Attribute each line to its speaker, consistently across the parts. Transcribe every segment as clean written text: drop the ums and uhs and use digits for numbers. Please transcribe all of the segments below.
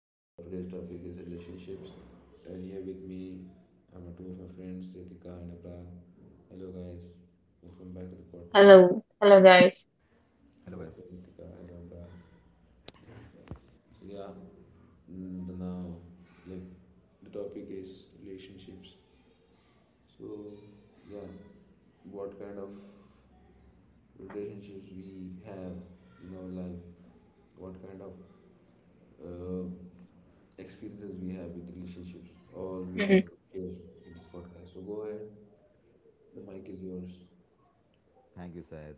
Speaker 1: Today's topic is relationships. And here with me, I'm two of my friends, Ritika and Abra. Hello guys, welcome back to the podcast.
Speaker 2: Hello, hello guys.
Speaker 3: Hello
Speaker 1: Hello,
Speaker 3: guys,
Speaker 1: hello Ritika, hello Abra. So yeah, mm, the now like the topic is relationships. So yeah, what kind of relationships we have in our life? What kind of uh, experiences we have with relationships or we have
Speaker 2: Mhm,
Speaker 1: here in this podcast. So go ahead, the mic is yours.
Speaker 3: thank you Syed.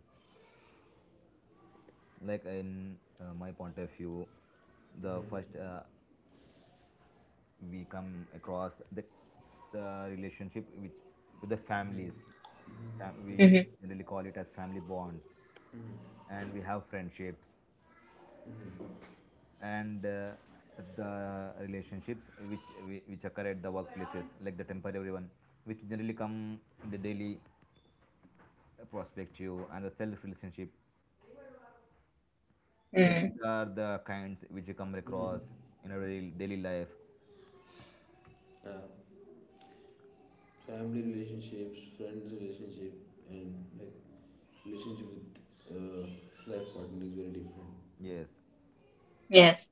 Speaker 3: Like in my point of view, the first we come across the relationship which with the families. We
Speaker 2: mhm,
Speaker 3: generally call it as family bonds, and we have friendships, and the relationships which which occur at the workplaces, like the temporary one, which generally come in the daily perspective, and the self relationship. Like
Speaker 2: mhm.
Speaker 3: these are the kinds which you come across
Speaker 1: Mm-hmm.
Speaker 3: in our daily life.
Speaker 1: Uh, Family relationships, friends relationship, and like relationship with uh, life partner is very different.
Speaker 3: Yes,
Speaker 2: Yes,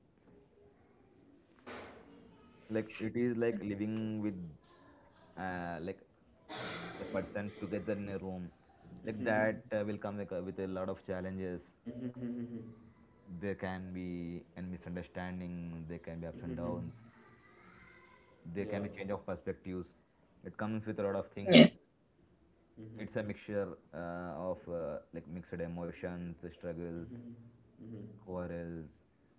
Speaker 3: like it is like living with, like the person together in a room. Like that will come with a lot of challenges. There can be a misunderstanding. There can be ups and
Speaker 1: Mm-hmm.
Speaker 3: downs. There
Speaker 1: Yeah.
Speaker 3: can be change of perspectives. It comes with a lot of things.
Speaker 2: yes.
Speaker 3: It's a
Speaker 1: Mm-hmm.
Speaker 3: mixture of like mixed emotions, struggles,
Speaker 1: Mm-hmm. Mm-hmm.
Speaker 3: quarrels,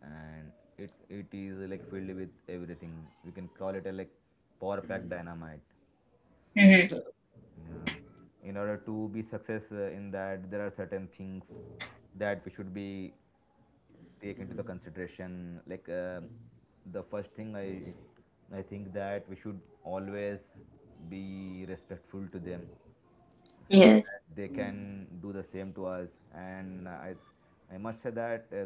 Speaker 3: and it is like filled with everything. We can call it a like power pack dynamite.
Speaker 2: Mhm,
Speaker 3: Yeah, in order to be success in that, there are certain things that we should be take into the consideration. Like the first thing, I think that we should always be respectful to them, so
Speaker 2: yes.
Speaker 3: that they can do the same to us. And I must say that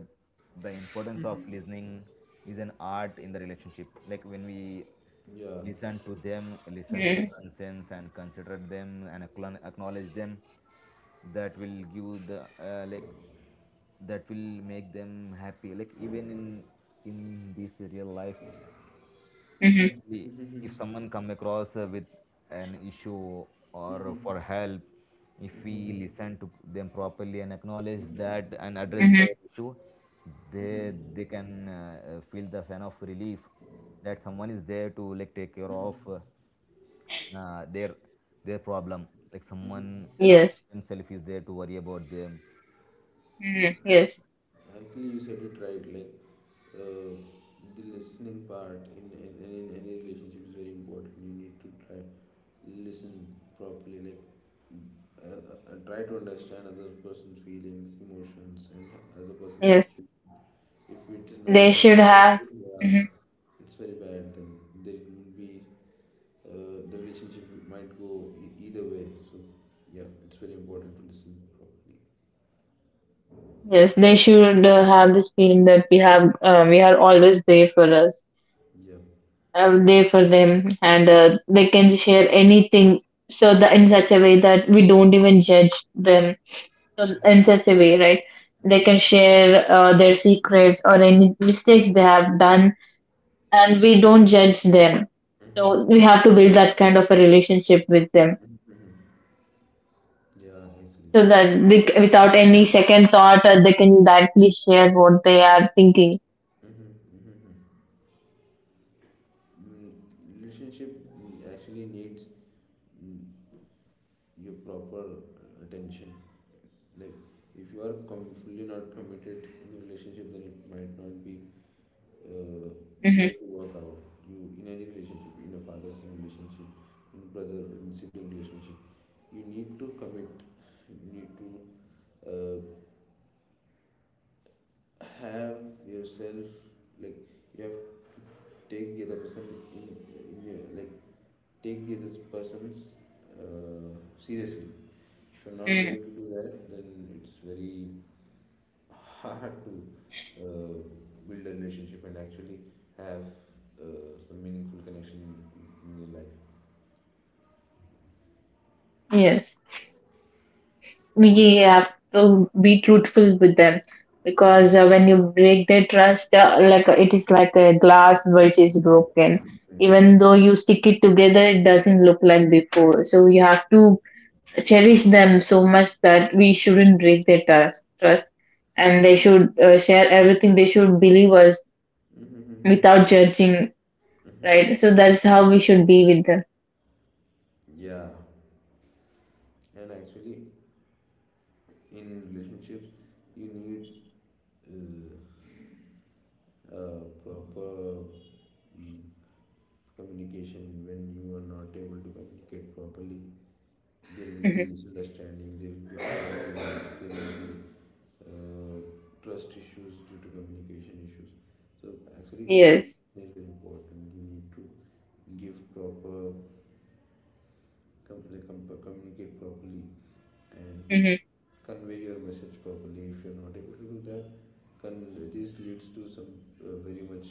Speaker 3: the importance of listening is an art in the relationship. Like when we
Speaker 1: Yeah.
Speaker 3: listen to them, listen to the
Speaker 2: Mhm,
Speaker 3: concerns and consider them and acknowledge them, that will give the like that will make them happy. Like even in this real life.
Speaker 2: mhm,
Speaker 1: Mm-hmm.
Speaker 3: Definitely, if
Speaker 1: Mm-hmm.
Speaker 3: someone come across with an issue or for
Speaker 1: Mm-hmm.
Speaker 3: help, if we listen to them properly and acknowledge that and address
Speaker 2: mhm.
Speaker 3: the issue,
Speaker 1: Mm-hmm.
Speaker 3: they
Speaker 1: Mm-hmm.
Speaker 3: they can feel the sense of relief that someone is there to like take care of
Speaker 1: Mm-hmm.
Speaker 3: their problem, like someone
Speaker 1: Mm-hmm.
Speaker 3: along
Speaker 2: Yes.
Speaker 3: himself is there to worry about them.
Speaker 2: Mhm, yes.
Speaker 1: Actually, you said it right. Like uh, the listening part in any relationship is very important. You need to try listen properly. Like try to understand other person's feelings, emotions, and other person's
Speaker 2: Yes.
Speaker 1: situation. If it is
Speaker 2: They
Speaker 1: not done
Speaker 2: should have.
Speaker 1: correctly, yeah,
Speaker 2: Mhm.
Speaker 1: it's very bad. Then there will be the relationship might go either way. So yeah, it's very important to listen properly.
Speaker 2: Yes, they should have this feeling that we have. We are always there for us.
Speaker 1: Yeah.
Speaker 2: There for them, and they can share anything. So that in such a way that we don't even judge them. So in such a way, right? They can share their secrets or any mistakes they have done, and we don't judge them.
Speaker 1: Mm-hmm.
Speaker 2: So we have to build that kind of a relationship with them
Speaker 1: Mm-hmm. Yeah, actually.
Speaker 2: so that they, without any second thought, they can directly share what they are thinking.
Speaker 1: Mm-hmm. Mm-hmm. Mm, relationship actually needs mm, your proper attention. Like, if you are fully not committed in a relationship, then it might not be uh,
Speaker 2: Hmm,
Speaker 1: going to work out. You in any relationship, in a father-son relationship, in brother, in sibling relationship, you need to commit. You need to uh, have yourself like you have to take the other person in, in your like take the other person's uh, seriously if you're not going to do that then it's very hard to uh, build a relationship and actually have some meaningful connection in your life.
Speaker 2: yes. We have to be truthful with them because when you break their trust, it is like a glass which is broken.
Speaker 1: Mhm.
Speaker 2: Even though you stick it together, it doesn't look like before, so you have to cherish them so much that we shouldn't break their trust. And they should share everything. They should believe us
Speaker 1: Mhm.
Speaker 2: without judging, right? So that's how we should be with them.
Speaker 1: Yeah, and actually, in relationships, you need uh, proper mm, communication when you are not able to communicate properly there will be
Speaker 2: Hmm.
Speaker 1: misunderstanding there will be uh, trust issues due to communication issues so actually the communication
Speaker 2: Yes.
Speaker 1: is very important you need to give proper like, communicate properly and
Speaker 2: Hmm.
Speaker 1: convey your message properly if you're not able to do that this leads to some very much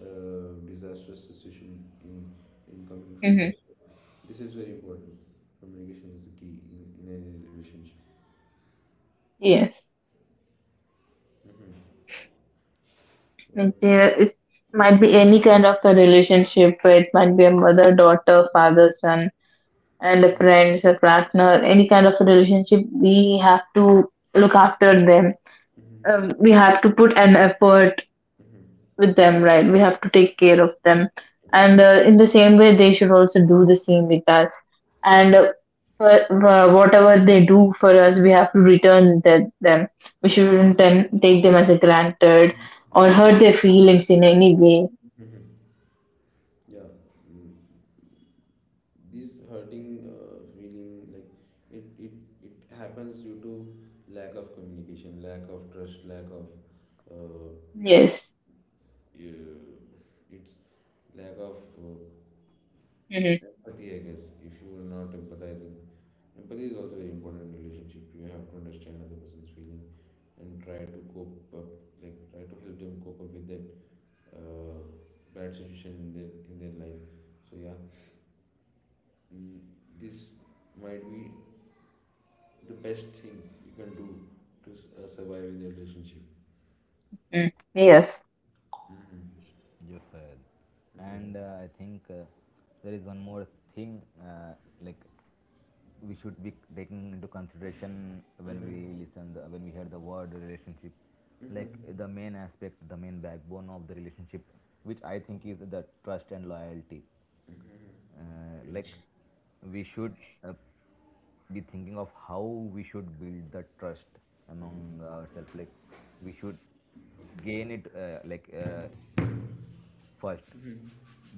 Speaker 1: disastrous situation in coming
Speaker 2: Hmm.
Speaker 1: future. So this is very important. Communication is the key in any relationship.
Speaker 2: Yes.
Speaker 1: Hmm.
Speaker 2: Means
Speaker 1: What, what,
Speaker 2: it
Speaker 1: what do
Speaker 2: might be
Speaker 1: you?
Speaker 2: any kind of a relationship. It might be a mother, daughter, father, son, and a friends, a partner, any kind of a relationship. We have to look after them.
Speaker 1: Mhm,
Speaker 2: We have to put an effort with them, right? We have to take care of them. And in the same way, they should also do the same with us.
Speaker 1: mhm,
Speaker 2: And for whatever they do for us, we have to return that, them. We shouldn't take them as a granted
Speaker 1: mhm,
Speaker 2: or
Speaker 1: mhm, mhm.
Speaker 2: hurt their feelings in any way.
Speaker 1: Mhm. Yeah, mm, this hurting feeling like it, it it happens due to lack of communication, lack of trust, lack of uh,
Speaker 2: Yes.
Speaker 1: it's lack of
Speaker 2: Mm-hmm.
Speaker 1: empathy. I guess if you are not empathizing empathy is also very important in relationship. You have to understand other person's feeling and try to cope up, like try to help them cope up with that uh, bad situation in their life. So yeah, mm, this might be the best thing you can do to survive in your relationship.
Speaker 2: Yes.
Speaker 1: Mhm.
Speaker 3: Yes, sir. And I think there is one more thing, like we should be taking into consideration when we when we hear the word relationship, like the main aspect, the main backbone of the relationship, which I think is the trust and loyalty.
Speaker 1: Yeah,
Speaker 3: Like we should uh, be thinking of how we should build the trust among ourselves. Like we should gain it, first,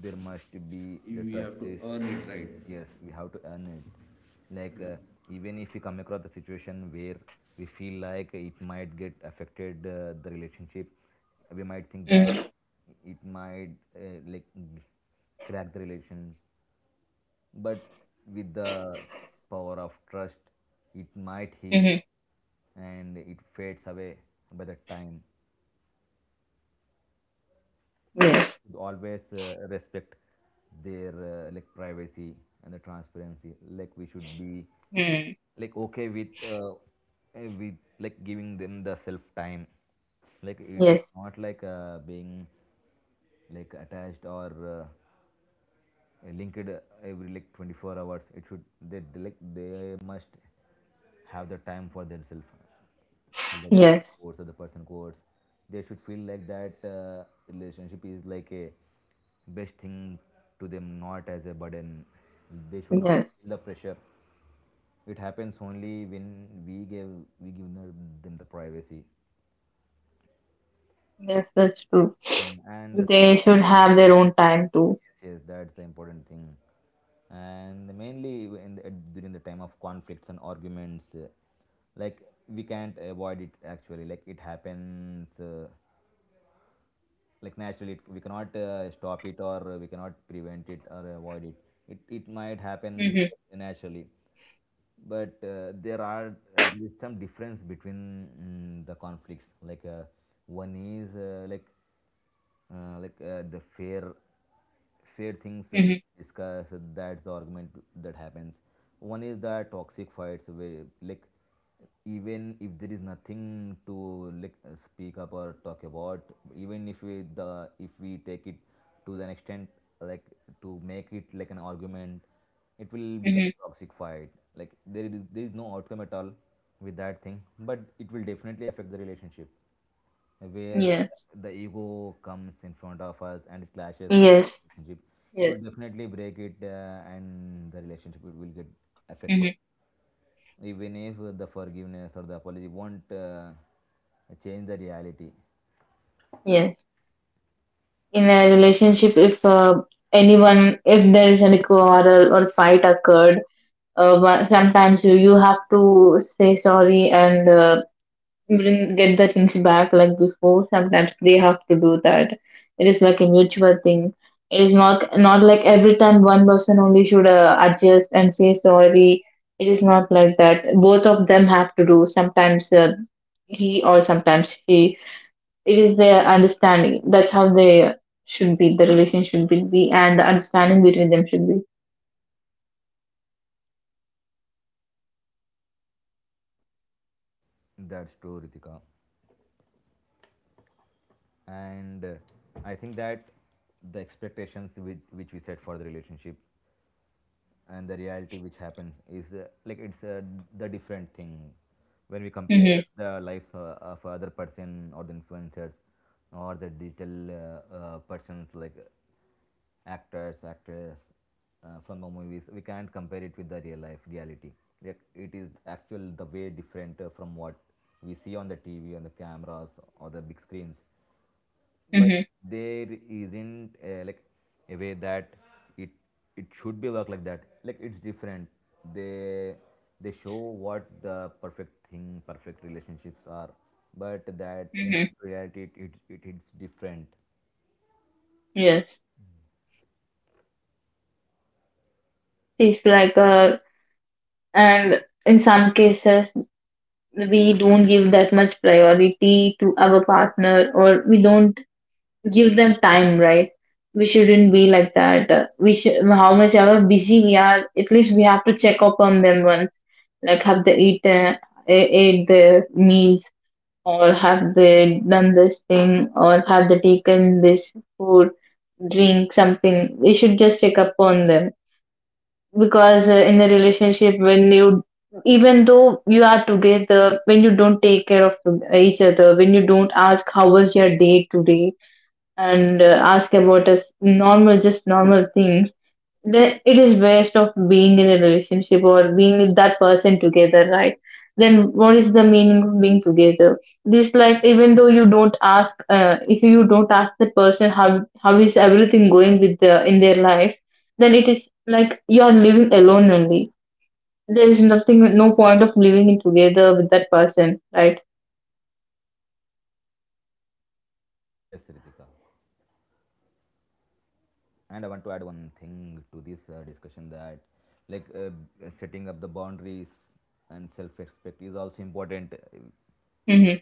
Speaker 3: there must be
Speaker 1: you
Speaker 3: the
Speaker 1: you have
Speaker 3: trust
Speaker 1: to
Speaker 3: is,
Speaker 1: earn it right.
Speaker 3: yes, we have to earn it. Like even if we come across the situation where we feel like it might get affected the relationship, we might think that
Speaker 2: Mm-hmm.
Speaker 3: it might like g- crack the relations, but with the power of trust, it might heal
Speaker 2: Mm-hmm.
Speaker 3: and it fades away by the time.
Speaker 2: Yes.
Speaker 3: Should always respect their like privacy and the transparency. Like we should be
Speaker 2: Mm-hmm.
Speaker 3: like okay with with like giving them the self time. Like it is
Speaker 2: Yes.
Speaker 3: not like being like attached or linked, every like 24 hours. It should, they they must have the time for themselves, the day
Speaker 2: Yes.
Speaker 3: course or the person course. They should feel like that relationship is like a best thing to them, not as a burden. They should not
Speaker 2: Yes.
Speaker 3: feel the pressure. It happens only when we give we give them the privacy.
Speaker 2: Yes, that's true.
Speaker 3: Mm, and the
Speaker 2: They should have their own time too.
Speaker 3: yes, yes, that's the important thing. And mainly in the, during the time of conflicts and arguments, like we can't avoid it actually. Like it happens, like naturally, we cannot stop it, or we cannot prevent it or avoid it. It might happen
Speaker 2: Mm-hmm.
Speaker 3: naturally. But there are, there is some difference between, mm, the conflicts. Like one is the fair things we
Speaker 2: Mm-hmm.
Speaker 3: discuss, that's the argument that happens. One is the toxic fights where like even if there is nothing to like speak up or talk about, even if we the if we take it to an extent like to make it like an argument, it will
Speaker 2: Mm-hmm.
Speaker 3: become a toxic fight. Like there is no outcome at all with that thing, but it will definitely affect the relationship, where
Speaker 2: Yes.
Speaker 3: the ego comes in front of us and it clashes with
Speaker 2: Yes.
Speaker 3: the relationship. It will
Speaker 2: Yes.
Speaker 3: definitely break it, and the relationship will get affected.
Speaker 2: Mm-hmm.
Speaker 3: Even if the forgiveness or the apology won't change the reality.
Speaker 2: Yes. In a relationship, if anyone, if there is any quarrel or fight occurred, sometimes you have to say sorry, and bring get the things back like before. Sometimes they have to do that. It is like a mutual thing. It is not like every time one person only should adjust and say sorry. It is not like that. Both of them have to do sometimes, he or sometimes she. It is their understanding. That's how they should be. The relation should be, and the understanding between them should be.
Speaker 3: That's true, Ritika. And I think that the expectations which we set for the relationship and the reality which happens is like it's the different thing. When we
Speaker 2: Mm-hmm,
Speaker 3: compare the life of other person, or the influencers, or the digital persons like actors, actresses from the movies, we can't compare it with the real life reality. Like it is actual the way different from what we see on the TV, on the cameras, or the big screens. But
Speaker 2: mm-hmm,
Speaker 3: there isn't like a way that it it should be work like that. Like it's different. They they show what the perfect thing, perfect relationships are, but that when it
Speaker 2: mm-hmm.
Speaker 3: comes to reality, it's different.
Speaker 2: Yes. It's like, and in some cases we don't give that much priority to our partner, or we don't give them time, right? We shouldn't be like that. We should, how much ever busy we are, at least we have to check up on them once. Like, have they eaten, ate their meals, or have they done this thing, or have they taken this food, drink something? We should just check up on them. Because in a relationship, when you, even though you are together, when you don't take care of each other, when you don't ask how was your day today, and ask about us normal, just normal things, then it is waste of being in a relationship or being with that person together, right? Then what is the meaning of being together? This, like, even though you don't ask, if you don't ask the person how is everything going with the in their life, then it is like you are living alone only. There is nothing, no point of living it together with that person, right?
Speaker 3: Yes, Ritika, and I want to add one thing to this discussion, that like setting up the boundaries and self respect is also important,
Speaker 2: Mm-hmm.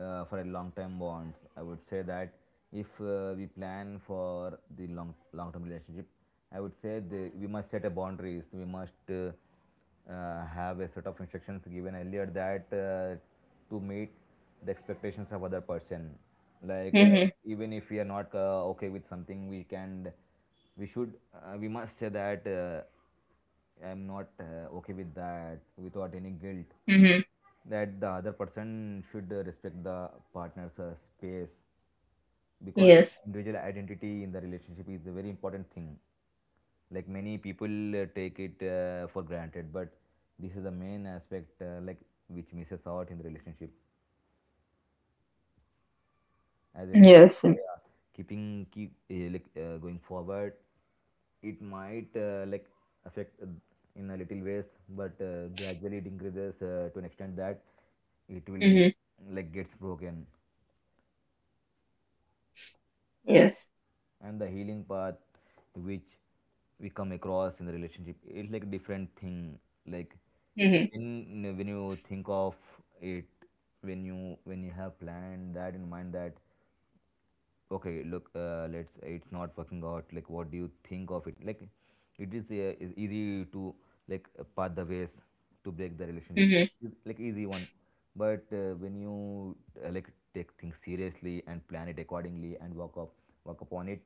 Speaker 3: for a long term bonds. I would say that if we plan for the long term relationship, I would say we must set a boundaries. We must have a set of instructions given earlier, that to meet the expectations of other person. Like
Speaker 2: Mm-hmm.
Speaker 3: even if we are not okay with something, we should, we must say that I'm not okay with that without any guilt.
Speaker 2: Mm-hmm.
Speaker 3: That the other person should respect the partner's space, because
Speaker 2: Yes.
Speaker 3: individual identity in the relationship is a very important thing. Like many people take it for granted, but this is the main aspect, like which misses out in the relationship, as I think.
Speaker 2: Yes.
Speaker 3: Yeah, keep like going forward, it might like affect, in a little ways, but gradually it increases to an extent that it will
Speaker 2: Mm-hmm.
Speaker 3: like gets broken.
Speaker 2: Yes.
Speaker 3: And the healing part which we come across in the relationship, it's like a different thing. Like
Speaker 2: Mm-hmm.
Speaker 3: when you think of it, when you have planned that in mind that okay look, let's it's not working out, like what do you think of it. Like it is easy to like path the ways to break the relationship.
Speaker 2: Mm-hmm.
Speaker 3: It's, like easy one. But when you like take things seriously and plan it accordingly and work upon it.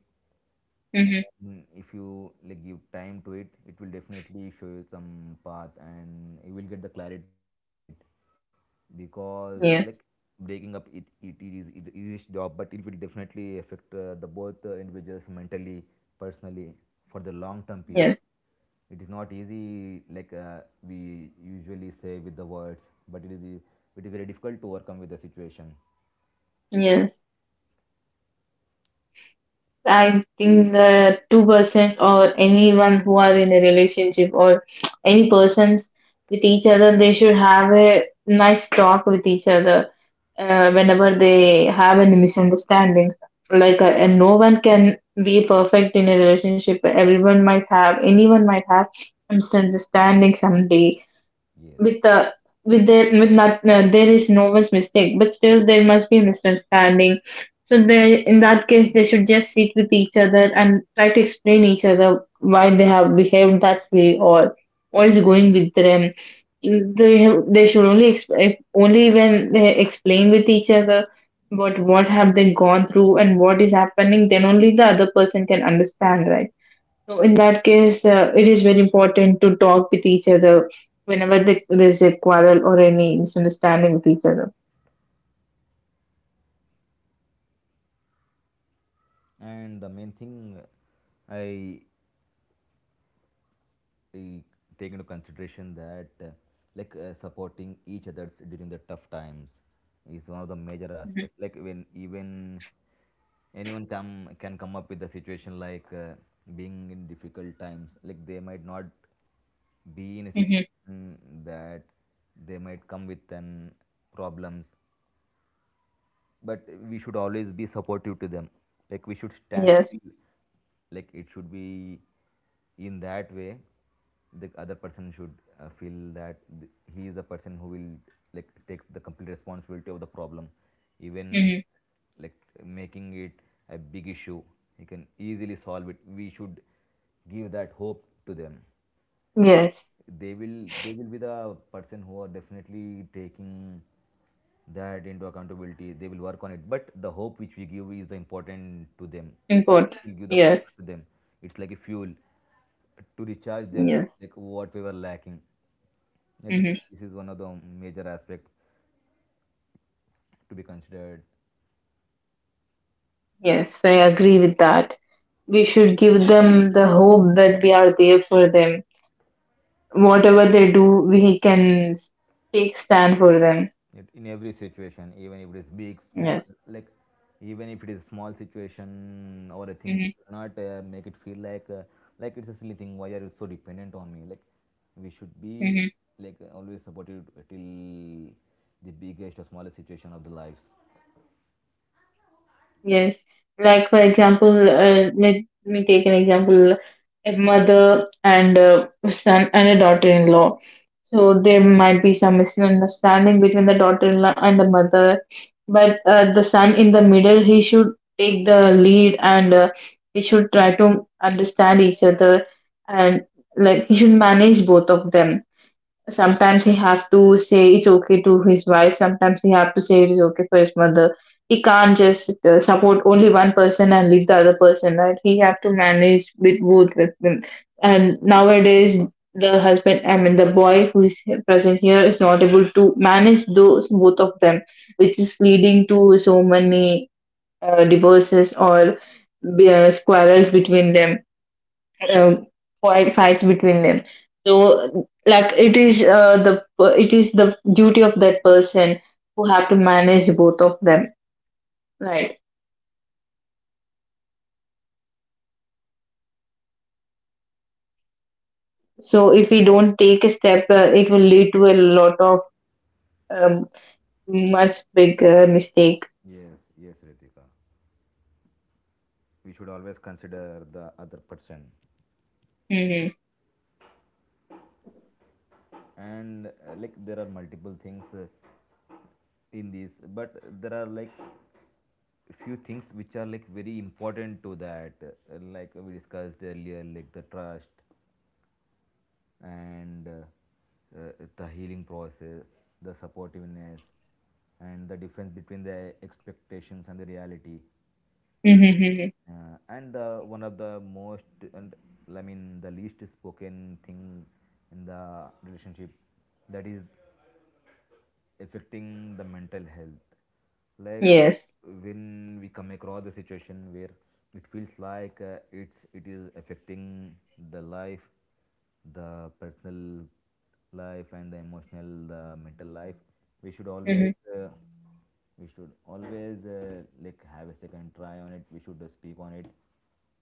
Speaker 2: Mm-hmm.
Speaker 3: Mm, if you like give time to it, it will definitely show you some path, and you will get the clarity on it, because like
Speaker 2: Yes.
Speaker 3: breaking up, it is job, but it will definitely affect the both individuals mentally, personally, for the long term period.
Speaker 2: Yes.
Speaker 3: It is not easy, like we usually say with the words, but it is very difficult to overcome with the situation.
Speaker 2: Yes. I think the two persons or anyone who are in a relationship, or any persons with each other, they should have a nice talk with each other whenever they have any misunderstandings. Like, and no one can be perfect in a relationship. Everyone might have, anyone might have misunderstanding someday
Speaker 3: Yes.
Speaker 2: with the with there with not, there is no one's mistake, but still there must be misunderstanding. So they, in that case, they should just sit with each other and try to explain each other why they have behaved that way, or what is going with them. They should only, only when they explain with each other about what have they gone through and what is happening, then only the other person can understand, right? So in that case, it is very important to talk with each other whenever there is a quarrel or any misunderstanding with each other.
Speaker 3: And the main thing I we take into consideration, that supporting each others during the tough times is one of the major aspects. Like when even anyone come can come up with a situation like being in difficult times, like they might not be in a
Speaker 2: Mm-hmm.
Speaker 3: situation that they might come with an problems, but we should always be supportive to them. Like we should stand
Speaker 2: Yes.
Speaker 3: still. Like it should be in that way. The other person should feel that he is the person who will like take the complete responsibility of the problem, even
Speaker 2: Mm-hmm.
Speaker 3: like making it a big issue. He can easily solve it. We should give that hope to them.
Speaker 2: Yes,
Speaker 3: They will be the person who are definitely taking that into accountability. They will work on it, but the hope which we give is important to them.
Speaker 2: important.
Speaker 3: We give the
Speaker 2: Yes,
Speaker 3: power to them. It's like a fuel to recharge them,
Speaker 2: yes.
Speaker 3: like what we were lacking. I think
Speaker 2: Mm-hmm.
Speaker 3: this is one of the major aspects to be considered.
Speaker 2: Yes. I agree with that. We should give them the hope that we are there for them. Whatever they do, we can take stand for them.
Speaker 3: In every situation, even if it is big, small,
Speaker 2: Yes.
Speaker 3: like even if it is small situation or a thing, we should not make it feel like it's a silly thing, why are you so dependent on me. Like, we should be
Speaker 2: Mm-hmm.
Speaker 3: like always supported till the biggest or smallest situation of the lives.
Speaker 2: Yes, like for example, let me take an example: a mother and a son and a daughter-in-law. So there might be some misunderstanding between the daughter-in-law and the mother, but the son in the middle, he should take the lead, and he should try to understand each other, and like, he should manage both of them. Sometimes he have to say it's okay to his wife. Sometimes he have to say it is okay for his mother. He can't just support only one person and leave the other person, right? He have to manage with both of them. And nowadays, the husband, I mean, the boy who is present here is not able to manage those both of them, which is leading to so many divorces, or squirrels between them, um, fights between them. So, like, it is, the it is the duty of that person who have to manage both of them, right? So if we don't take a step, it will lead to a lot of um, much bigger mistake.
Speaker 3: Yes, yes, Ritika, we should always consider the other person.
Speaker 2: Hmm.
Speaker 3: And like there are multiple things in this, but there are like few things which are like very important to that, like we discussed earlier, like the trust, and the healing process, the supportiveness, and the difference between the expectations and the reality.
Speaker 2: Hmm.
Speaker 3: And the one of the most, and I mean the least spoken thing in the relationship, that is affecting the mental health. Like,
Speaker 2: Yes.
Speaker 3: when we come across the situation where it feels like it is affecting the life, the personal life, and the emotional, the mental life. We should always,
Speaker 2: Hmm.
Speaker 3: uh, we should always like have a second try on it. We should speak on it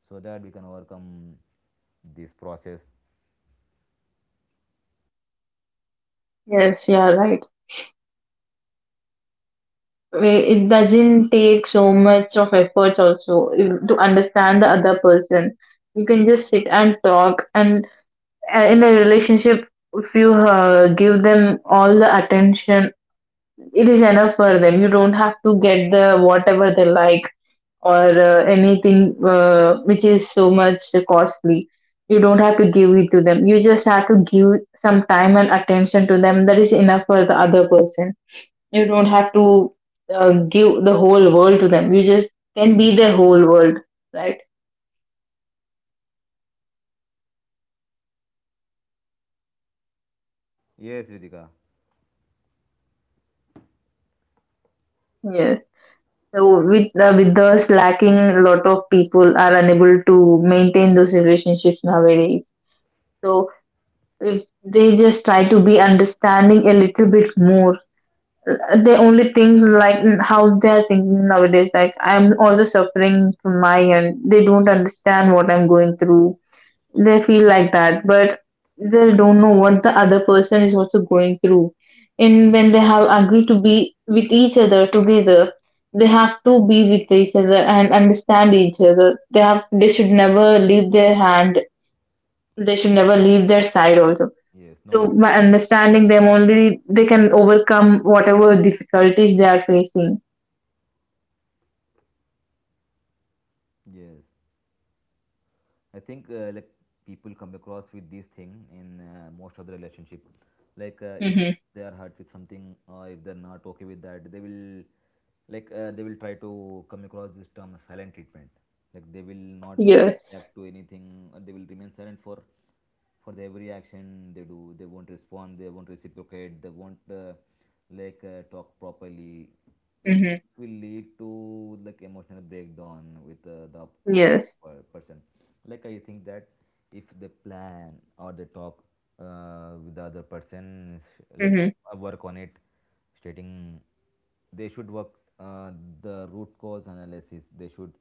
Speaker 3: so that we can overcome this process.
Speaker 2: Yes, yeah, right. It doesn't take so much of efforts also, to understand the other person. You can just sit and talk, and in a relationship, if you give them all the attention, it is enough for them. You don't have to get the whatever they like, or anything which is so much costly. You don't have to give it to them. You just have to give some time and attention to them. That is enough for the other person. You don't have to give the whole world to them. You just can be their whole world, right?
Speaker 3: Yes, Ritika.
Speaker 2: Yes. So with those lacking, a lot of people are unable to maintain those relationships nowadays. So if they just try to be understanding a little bit more, they only think like, how they are thinking nowadays. Like, I'm also suffering from my end. They don't understand what I'm going through. They feel like that, but they don't know what the other person is also going through. And when they have agreed to be with each other together, they have to be with each other and understand each other. They should never leave their hand. They should never leave their side also.
Speaker 3: Yes, no
Speaker 2: So
Speaker 3: matter.
Speaker 2: by understanding them only, they can overcome whatever difficulties they are facing.
Speaker 3: Yes, I think like people come across with this thing in most of the relationship. Like if
Speaker 2: Mm-hmm.
Speaker 3: they are hurt with something or if they're not okay with that, they will like they will try to come across this term as silent treatment. Like, they will not
Speaker 2: Yes.
Speaker 3: react to anything, or they will remain silent for the every action they do. They won't respond, they won't reciprocate, they won't like talk properly. Like,
Speaker 2: Mm-hmm.
Speaker 3: it will lead to like emotional breakdown with the
Speaker 2: Yes.
Speaker 3: person. Like, I think that if they plan or they talk with the other person, like
Speaker 2: Mm-hmm.
Speaker 3: work on it, stating they should work uh, the root cause analysis. They should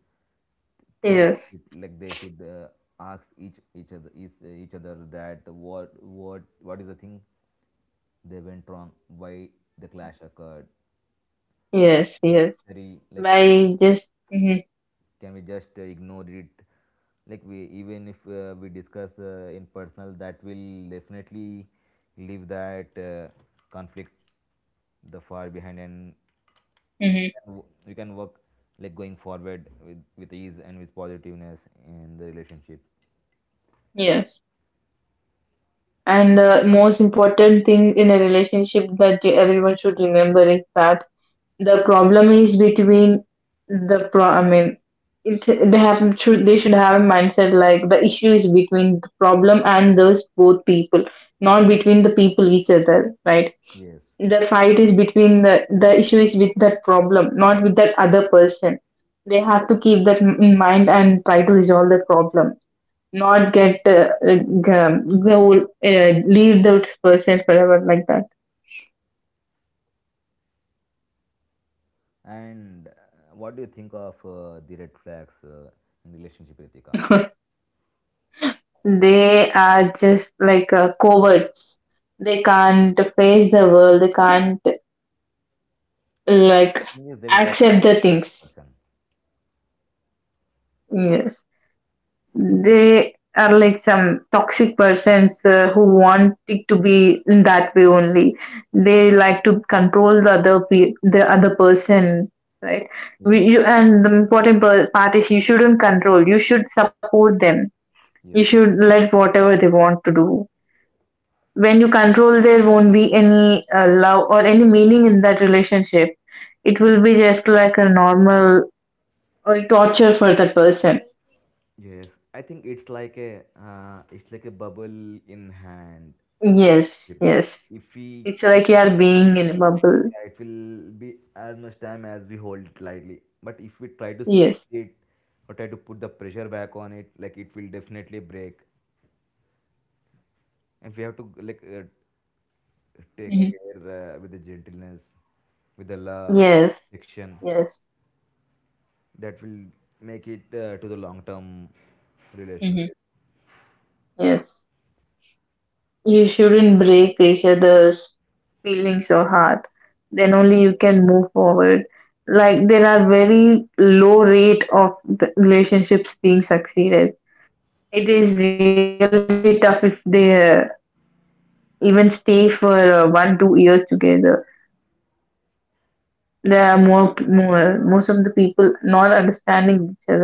Speaker 3: think of
Speaker 2: Yes.
Speaker 3: it. Like, they should ask each other that what what is the thing they went wrong, why the clash occurred.
Speaker 2: Yes. Yes.
Speaker 3: Necessary, like
Speaker 2: By just, Mm-hmm.
Speaker 3: can we just ignore it. Like, we, even if we discuss in personal, that will definitely leave that conflict the far behind, and we can we can work like going forward with ease and with positiveness in the relationship.
Speaker 2: Yes. And the most important thing in a relationship that everyone should remember is that the problem is between the pro. I mean, it, they have should they should have a mindset like the issue is between the problem and those both people, not between the people each other, right?
Speaker 3: Yes.
Speaker 2: The fight is between the issue is with that problem, not with that other person. They have to keep that in mind and try to resolve the problem, not get go, leave that person forever like
Speaker 3: And what do you think of the red flags in relationship, Ritika?
Speaker 2: that. They are just like, cowards. They can't face the world. They can't, like,
Speaker 3: Yes, they will tell
Speaker 2: accept the things.
Speaker 3: person.
Speaker 2: Yes. They are like some toxic persons who want it to be in that way only. They like to control the other person, right? We,
Speaker 3: Yes,
Speaker 2: you, and The important part is, you shouldn't control. You should support them. You
Speaker 3: yes.
Speaker 2: should let whatever they want to do. When you control, there won't be any love or any meaning in that relationship. It will be just like a normal, torture for that person.
Speaker 3: Yes, I think it's like a bubble in hand.
Speaker 2: Yes,
Speaker 3: If
Speaker 2: yes.
Speaker 3: if we,
Speaker 2: It's like you are being in a bubble.
Speaker 3: yeah, it will be as much time as we hold it lightly. But if we try to
Speaker 2: Yes,
Speaker 3: squeeze it or try to put the pressure back on it, like it will definitely break. And we have to like take
Speaker 2: Mm-hmm.
Speaker 3: care with the gentleness, with the love,
Speaker 2: Yes,
Speaker 3: affection.
Speaker 2: yes,
Speaker 3: That will make it to the long term
Speaker 2: Mm-hmm.
Speaker 3: relationship.
Speaker 2: Yes. You shouldn't break each other's feelings or heart. Then only you can move forward. Like, there are very low rate of the relationships being succeeded. It is really tough if they even stay for 1-2 years together. There are more, most of the people not understanding each other.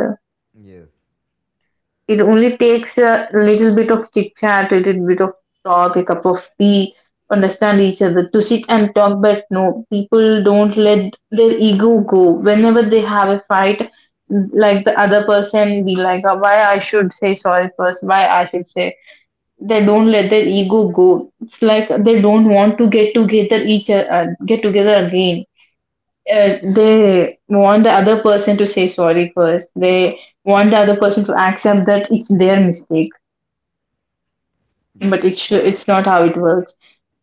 Speaker 3: Yes,
Speaker 2: It only takes a little bit of chit chat, a little bit of talk, a cup of tea, understand each other to sit and talk. But no, people don't let their ego go. Whenever they have a fight, like the other person be like, Why I should say sorry first, why I should say." They don't let their ego go. It's like they don't want to get together each get together again. They want the other person to say sorry first. They want the other person to accept that it's their mistake, but
Speaker 3: yes.
Speaker 2: it should, it's not how it works.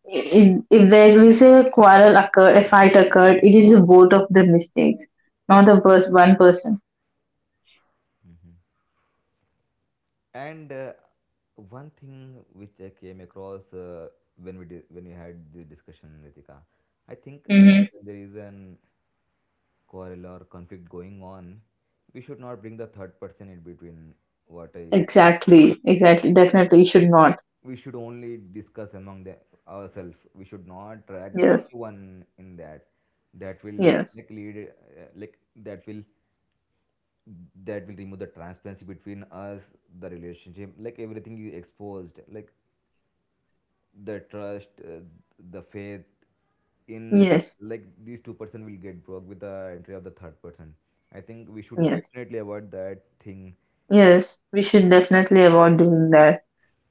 Speaker 2: If there is a quarrel occurred, a fight occurred, it is both of the mistakes, not the first one person.
Speaker 3: Mhm. And one thing which I came across when we had the discussion, Ritika, I think
Speaker 2: Hmm.
Speaker 3: when there is an quarrel or conflict going on, we should not bring the third person in between. What I
Speaker 2: Exactly, exactly. Definitely, you should not.
Speaker 3: We should only discuss among the ourselves. We should not drag
Speaker 2: Yes,
Speaker 3: anyone in that. That will
Speaker 2: yes,
Speaker 3: like lead like that will remove the transparency between us, the relationship. Like everything is exposed. Like the trust, the faith in,
Speaker 2: yes,
Speaker 3: like these two-person will get broke with the entry of the third person. I think we should
Speaker 2: yes,
Speaker 3: definitely avoid that thing.
Speaker 2: yes. We should definitely avoid doing that.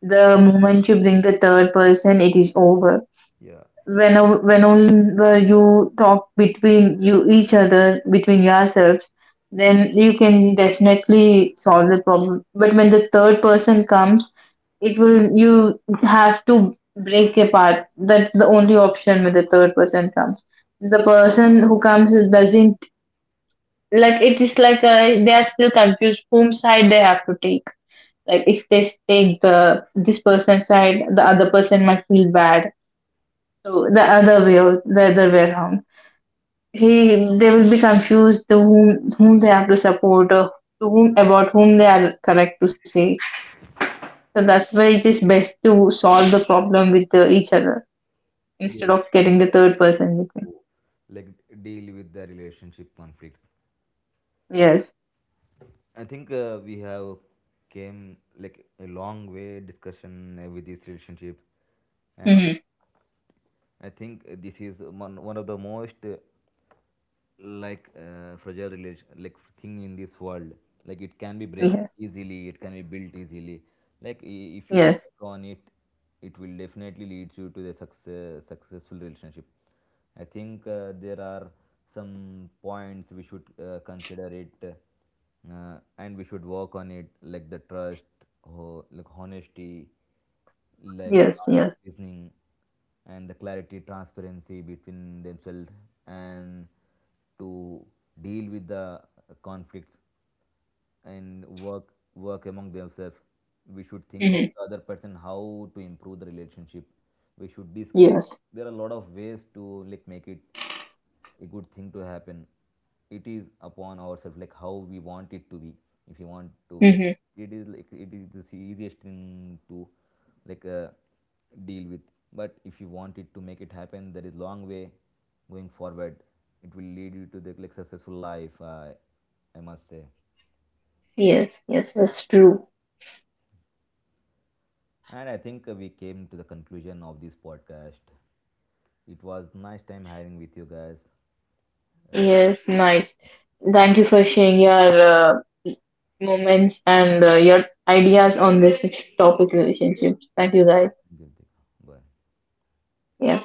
Speaker 2: The moment you bring the third person, it is over
Speaker 3: Yeah,
Speaker 2: whenever you talk between you each other between yourselves, then you can definitely solve the problem. But when the third person comes, it will, you have to break apart. That's the only option. When the third person comes, the person who comes doesn't, like, it is like, they are still confused whom side they have to take. Like, if they take the this person's side, the other person might feel bad, to the other way, or the other way around. He, they will be confused to whom they have to support, or to whom about whom they are correct to say. So that's why it is best to solve the problem with the, each other, instead
Speaker 3: yes,
Speaker 2: of
Speaker 3: that's
Speaker 2: getting the
Speaker 3: the right
Speaker 2: third
Speaker 3: way
Speaker 2: person with me.
Speaker 3: to like deal with the relationship conflicts.
Speaker 2: Yes.
Speaker 3: I think we have came like a long way discussion with this relationship, and
Speaker 2: Mm-hmm.
Speaker 3: I think this is one of the most like fragile relation like thing in this world. Like, it can be breaking
Speaker 2: Yes.
Speaker 3: easily, it can be built easily. Like, if you
Speaker 2: Yes.
Speaker 3: work on it, it will definitely lead you to the successful relationship. I think there are some points we should consider it, and we should work on it, like the trust, like honesty, like
Speaker 2: Yes.
Speaker 3: art of
Speaker 2: Yes.
Speaker 3: listening, and the clarity, transparency between themselves, and to deal with the conflicts and work among themselves. We should think of
Speaker 2: Mm-hmm.
Speaker 3: the other person, how to improve the relationship. We should discuss.
Speaker 2: Yes.
Speaker 3: There are a lot of ways to like make it a good thing to happen. It is upon ourselves like how we want it to be. If you want to break,
Speaker 2: Mm-hmm.
Speaker 3: it is like it is the easiest thing to like deal with. But if you want it to make it happen, there is long way going forward. It will lead you to the like successful life. I must say.
Speaker 2: Yes. Yes. That's true.
Speaker 3: And I think we came to the conclusion of this podcast. It was nice time having with you guys. Uh,
Speaker 2: Yes, nice. Thank you for sharing your moments and your ideas on this topic relationships. Thank you guys.
Speaker 3: Bye.
Speaker 2: Yeah.